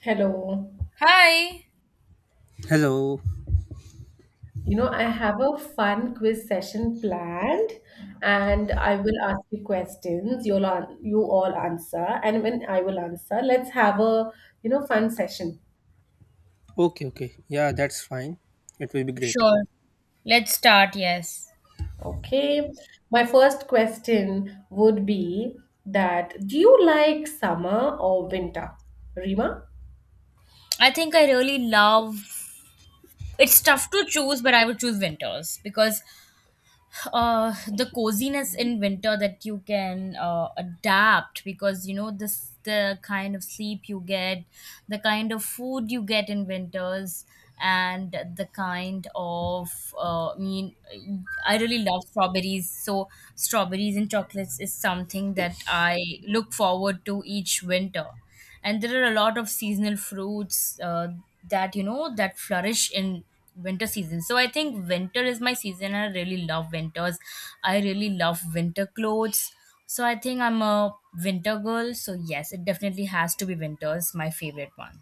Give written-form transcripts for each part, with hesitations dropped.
Hello. Hi. Hello. I have a fun quiz session planned, and I will ask you questions. You all answer, and when I will answer, let's have a fun session. Okay, okay. Yeah, that's fine. It will be great. Sure, let's start. Yes, Okay. My first question would be, that do you like summer or winter, Rima? I think I really love. It's tough to choose, but I would choose winters because the coziness in winter that you can adapt because you know this the kind of sleep you get, the kind of food you get in winters, and the kind of uh, I mean, I really love strawberries. So strawberries and chocolates is something that I look forward to each winter, and there are a lot of seasonal fruits that you know that flourish in winter season. So I think winter is my season, and I really love winters. I really love winter clothes. So I think I'm a winter girl. So yes, it definitely has to be winters, my favorite one.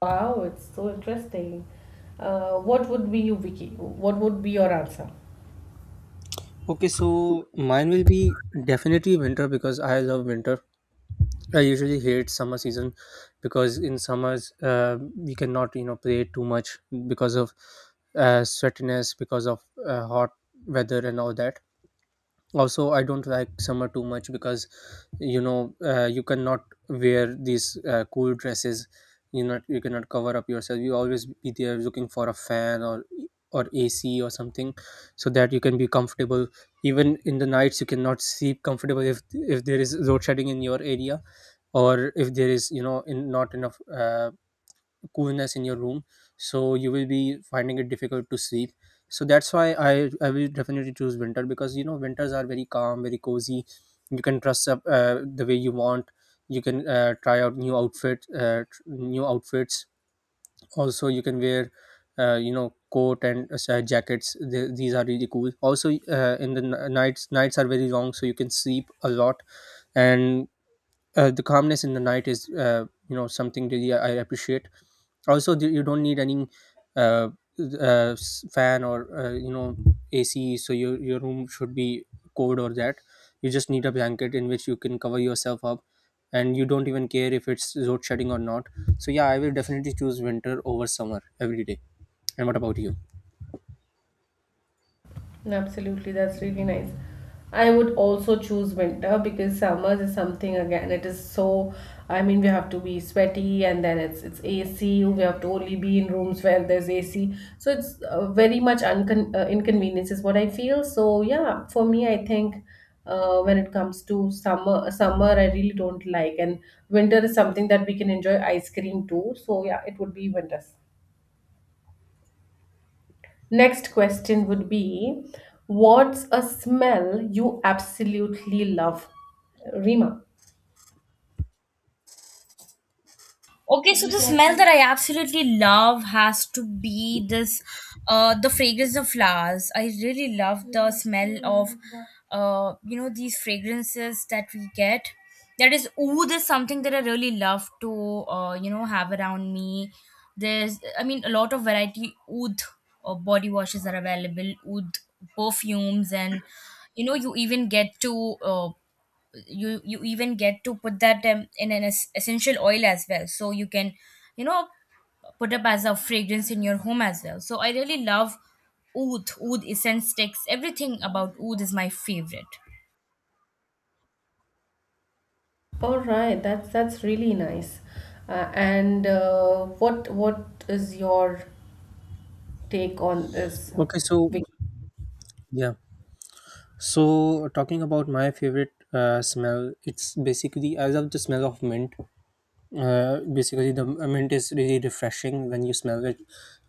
Wow, it's so interesting. What would be you, Vicky? What would be your answer? Okay, so mine will be definitely winter because I love winter. I usually hate summer season because in summers, we cannot, you know, play too much because of sweatiness, because of hot weather and all that. Also, I don't like summer too much because you know, you cannot wear these cool dresses. You not you cannot cover up yourself. You always be there looking for a fan or AC or something so that you can be comfortable. Even in the nights, you cannot sleep comfortable if there is load shedding in your area, or if there is, you know, in not enough coolness in your room, so you will be finding it difficult to sleep. So that's why I will definitely choose winter, because you know, winters are very calm, very cozy. You can dress up the way you want. You can try out new outfit, new outfits. Also, you can wear you know, coat and jackets. Th These are really cool. Also, in the nights, nights are very long, so you can sleep a lot. And the calmness in the night is, you know, something really I appreciate. Also, you don't need any uh, fan or, you know, AC, so your room should be cold or that. You just need a blanket in which you can cover yourself up, and you don't even care if it's load shedding or not. So yeah, I will definitely choose winter over summer every day. And what about you? Absolutely, that's really nice. I would also choose winter because summers is something again. It is so, I mean, we have to be sweaty and then it's AC. We have to only be in rooms where there's AC. So it's very much uncon inconvenience is what I feel. So yeah, for me, I think, when it comes to summer, summer I really don't like, and winter is something that we can enjoy ice cream too. So yeah, it would be winter. Next question would be, what's a smell you absolutely love? Rima. Okay, so the smell that I absolutely love has to be this, the fragrance of flowers. I really love the smell of, you know, these fragrances that we get. That is, ooh, there's something that I really love to, you know, have around me. There's, I mean, a lot of variety oud or body washes are available, oud perfumes, and you know, you even get to, you even get to put that in an essential oil as well. So you can, you know, put up as a fragrance in your home as well. So I really love oud essence sticks. Everything about oud is my favorite. All right, that's really nice. And what is your take on this? Okay, so Vicky? yeah. So talking about my favorite smell, it's basically I love the smell of mint. Basically, the mint is really refreshing when you smell it.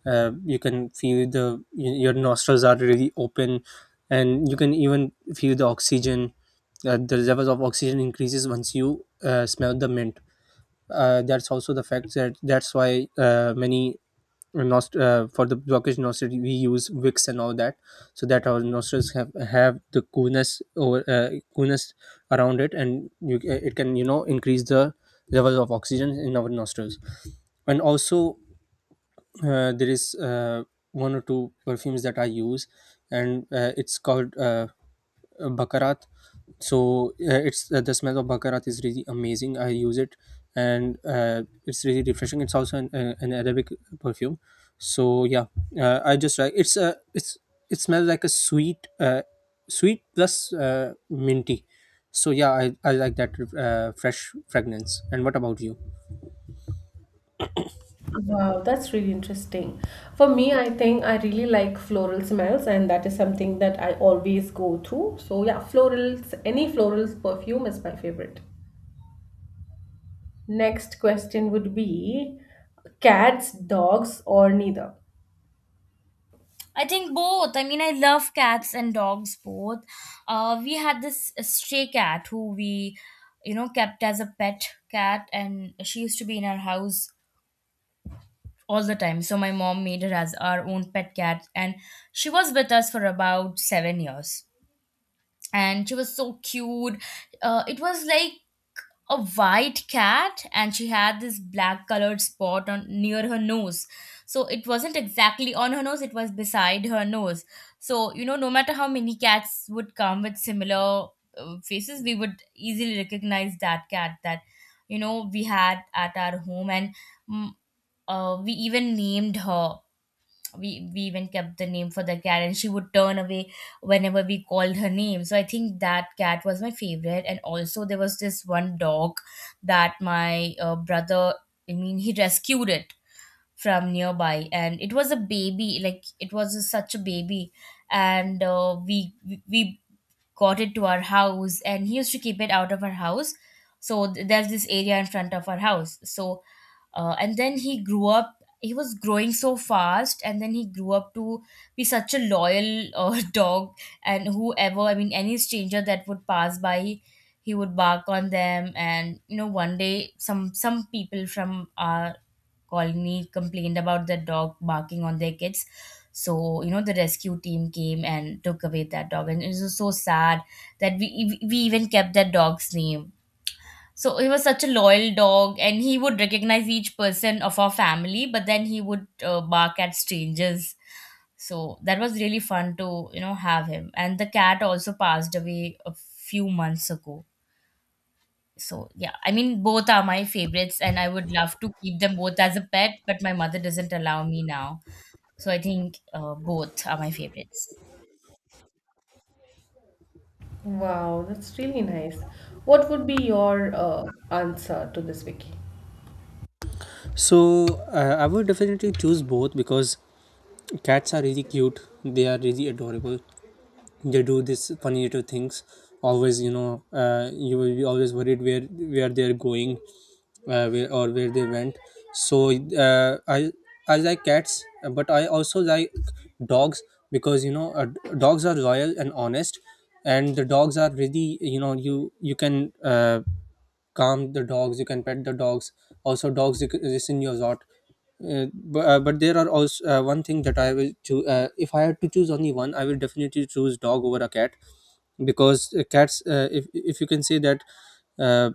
You can feel the your nostrils are really open, and you can even feel the oxygen. The levels of oxygen increases once you smell the mint. That's also the fact that that's why, many for the blockage nostrils, we use wicks and all that, so that our nostrils have the coolness over, coolness around it. And you, it can, you know, increase the level of oxygen in our nostrils. And also, there is, one or two perfumes that I use, and it's called, bakarat. So it's, the smell of bakarat is really amazing. I use it, and it's really refreshing. It's also an arabic perfume. So yeah, I just like, it's a, it's, it smells like a sweet, sweet plus minty. So yeah, I like that fresh fragrance. And what about you? Wow, that's really interesting. For me, I think I really like floral smells, and that is something that I always go through. So yeah, florals, any florals perfume is my favorite. Next question would be, cats, dogs, or neither? I think both. I mean, I love cats and dogs both. We had this stray cat who we, you know, kept as a pet cat, and she used to be in our house all the time. So my mom made her as our own pet cat, and she was with us for about seven years. And she was so cute. It was like a white cat, and she had this black colored spot on near her nose. So it wasn't exactly on her nose; it was beside her nose. So you know, no matter how many cats would come with similar faces, we would easily recognize that cat that you know we had at our home, and mm, we even named her, we even kept the name for the cat, and she would turn away whenever we called her name. So I think that cat was my favorite. And also there was this one dog that my brother, I mean, he rescued it from nearby, and it was a baby, like it was such a baby. And uh, we got it to our house, and he used to keep it out of our house. So there's this area in front of our house. So and then he grew up, he was growing so fast, and then he grew up to be such a loyal dog. And whoever, I mean, any stranger that would pass by, he would bark on them. And you know, one day some people from our colony complained about the dog barking on their kids. So, you know, the rescue team came and took away that dog. And it was so sad that we even kept that dog's name. So he was such a loyal dog, and he would recognize each person of our family, but then he would bark at strangers. So that was really fun to, you know, have him. And the cat also passed away a few months ago. So yeah, I mean, both are my favorites, and I would love to keep them both as a pet, but my mother doesn't allow me now. So I think both are my favorites. Wow, that's really nice. What would be your answer to this, Vicky? So I would definitely choose both, because cats are really cute, they are really adorable. They do this funny little things always, you know. You will be always worried where they're going, where, or where they went. So uh, i I like cats, but I also like dogs, because you know, dogs are loyal and honest, and the dogs are really, you know, you can, calm the dogs, you can pet the dogs. Also, dogs you can listen your lot. But, but there are also, one thing that I will choose, if I had to choose only one, I will definitely choose dog over a cat. Because cats, if you can say that, uh,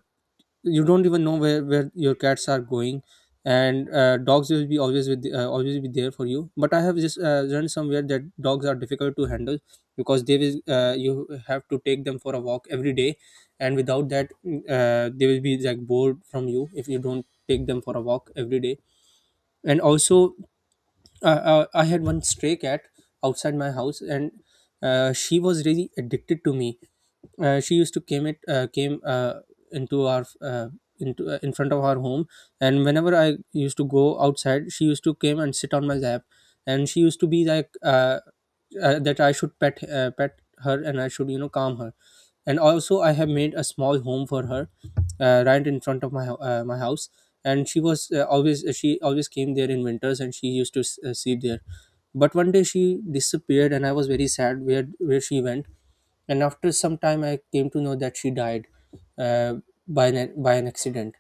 you don't even know where your cats are going. And dogs will be always with, always be there for you. But I have just learned somewhere that dogs are difficult to handle, because they will, you have to take them for a walk every day, and without that, they will be like bored from you if you don't take them for a walk every day. And also, I had one stray cat outside my house, and she was really addicted to me. She used to came it, came into our, into in front of our home. And whenever I used to go outside, she used to came and sit on my lap. And she used to be like, that I should pet, pet her, and I should, you know, calm her. And also, I have made a small home for her right in front of my my house. And she was, always she always came there in winters, and she used to sleep there. But one day she disappeared, and I was very sad where she went. And after some time, I came to know that she died, uh, by an accident.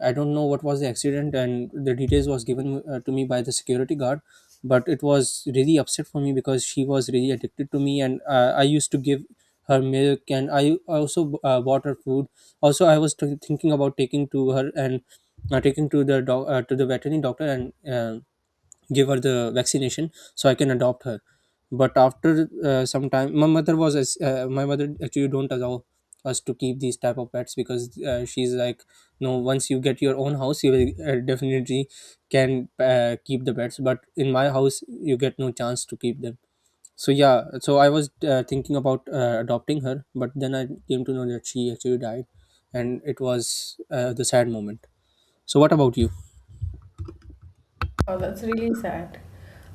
I don't know what was the accident, and the details was given, to me by the security guard. But it was really upset for me because she was really addicted to me, and I used to give her milk, and I also bought her food. Also, I was thinking about taking to her, and taking to the doc to the veterinary doctor, and uh, give her the vaccination so I can adopt her. But after some time, my mother was my mother actually don't allow us to keep these type of pets, because she's like, no, once you get your own house, you will definitely can, keep the pets, but in my house, you get no chance to keep them. So yeah, so I was, thinking about, adopting her, but then I came to know that she actually died, and it was, the sad moment. So what about you? Oh, that's really sad.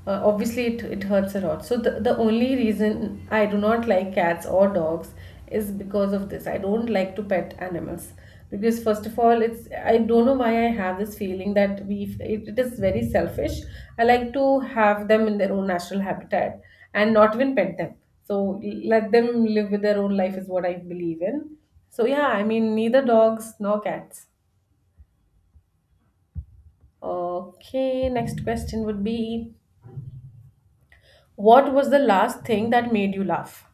Obviously, it hurts a lot. So, the only reason I do not like cats or dogs is because of this. I don't like to pet animals. Because, first of all, it's, I don't know why I have this feeling that it is very selfish. I like to have them in their own natural habitat and not even pet them. So, let them live with their own life is what I believe in. So, yeah, I mean, neither dogs nor cats. Okay, next question would be. What was the last thing that made you laugh?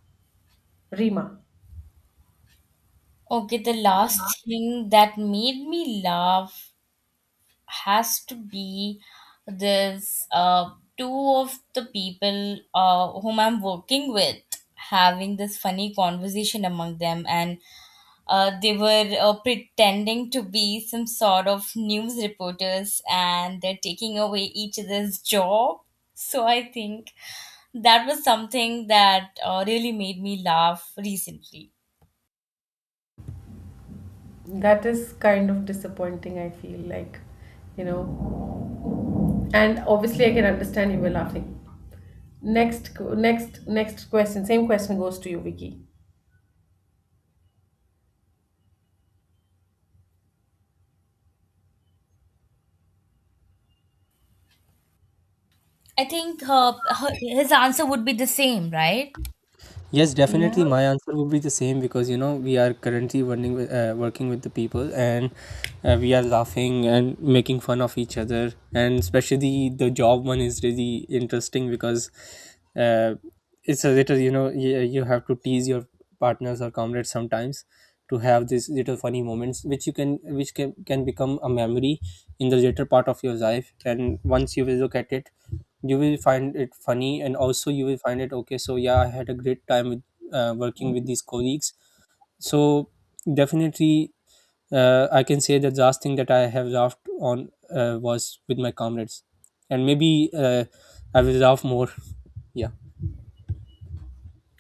Rima. Okay, the last thing that made me laugh has to be this two of the people whom I'm working with, having this funny conversation among them. And they were pretending to be some sort of news reporters, and they're taking away each other's job. So I think that was something that really made me laugh recently. That is kind of disappointing, I feel like, you know. And obviously, I can understand you were laughing. Next question. Same question goes to you, Vicky. I think her, her his answer would be the same, right? Yes, Yeah. definitely. My answer would be the same because you know, we are currently working with, working with the people, and we are laughing and making fun of each other. And especially the job one is really interesting, because uh, it's a little, you know, you have to tease your partners or comrades sometimes, to have these little funny moments which you can, which can become a memory in the later part of your life. And once you will look at it, you will find it funny, and also you will find it okay. So yeah, I had a great time with, working with these colleagues. So definitely, I can say that the last thing that I have laughed on, was with my comrades. And maybe, I will laugh more yeah.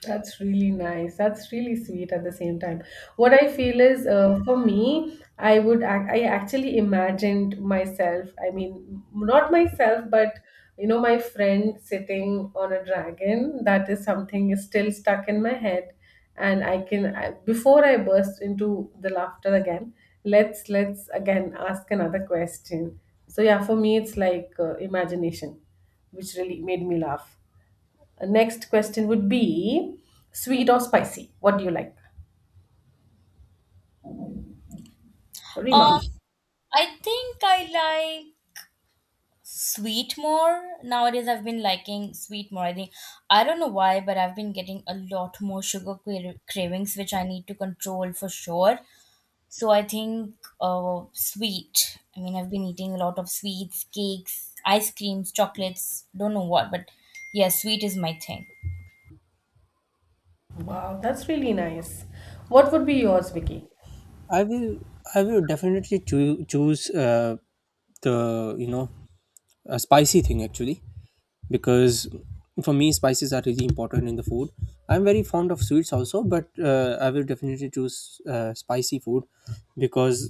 That's really nice. That's really sweet at the same time. What I feel is, for me, I actually imagined myself. I mean, not myself, but you know, my friend sitting on a dragon. That is something is still stuck in my head, and before I burst into the laughter again. Let's again ask another question. So yeah, for me, it's like imagination, which really made me laugh. Next question would be, sweet or spicy? What do you like? Rima. Um, I think I like sweet more nowadays. I've been liking sweet more. I think I don't know why, but I've been getting a lot more sugar cravings, which I need to control for sure. So I think sweet. I mean, I've been eating a lot of sweets, cakes, ice creams, chocolates, don't know what, but yeah, sweet is my thing. Wow, that's really nice. What would be yours, Vicky? i will I will definitely choose, the, you know, a spicy thing actually. Because for me, spices are really important in the food. I'm very fond of sweets also, but I will definitely choose spicy food, because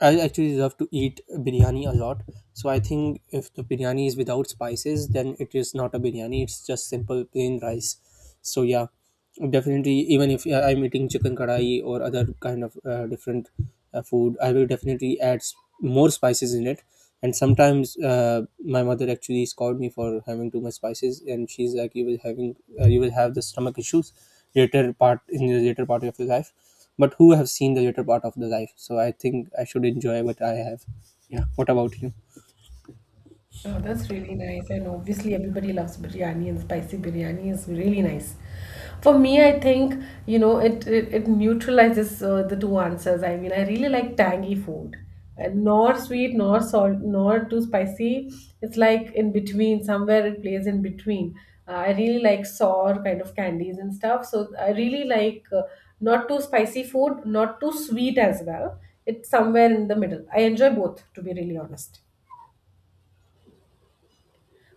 I actually love to eat biryani a lot. So I think if the biryani is without spices, then it is not a biryani. It's just simple plain rice. So yeah, definitely. Even if I'm eating chicken kadai or other kind of different food, I will definitely add more spices in it. And sometimes my mother actually scolded me for having too much spices, and she's like, "You will having, you will have the stomach issues later part in the later part of your life." But who have seen the later part of the life. So I think I should enjoy what I have. Yeah. What about you? Oh, that's really nice. And obviously, everybody loves biryani, and spicy biryani is really nice. For me, I think, you know, it neutralizes the two answers. I mean, I really like tangy food, and nor sweet, nor salt, nor too spicy. It's like in between, somewhere it plays in between. I really like sour kind of candies and stuff. So I really like not too spicy food, not too sweet as well. It's somewhere in the middle. I enjoy both, to be really honest.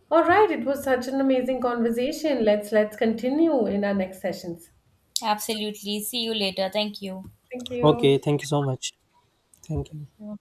All right, it was such an amazing conversation. Let's continue in our next sessions. Absolutely. See you later. Thank you. Thank Okay. you. Thank you so much. Thank you. Yeah.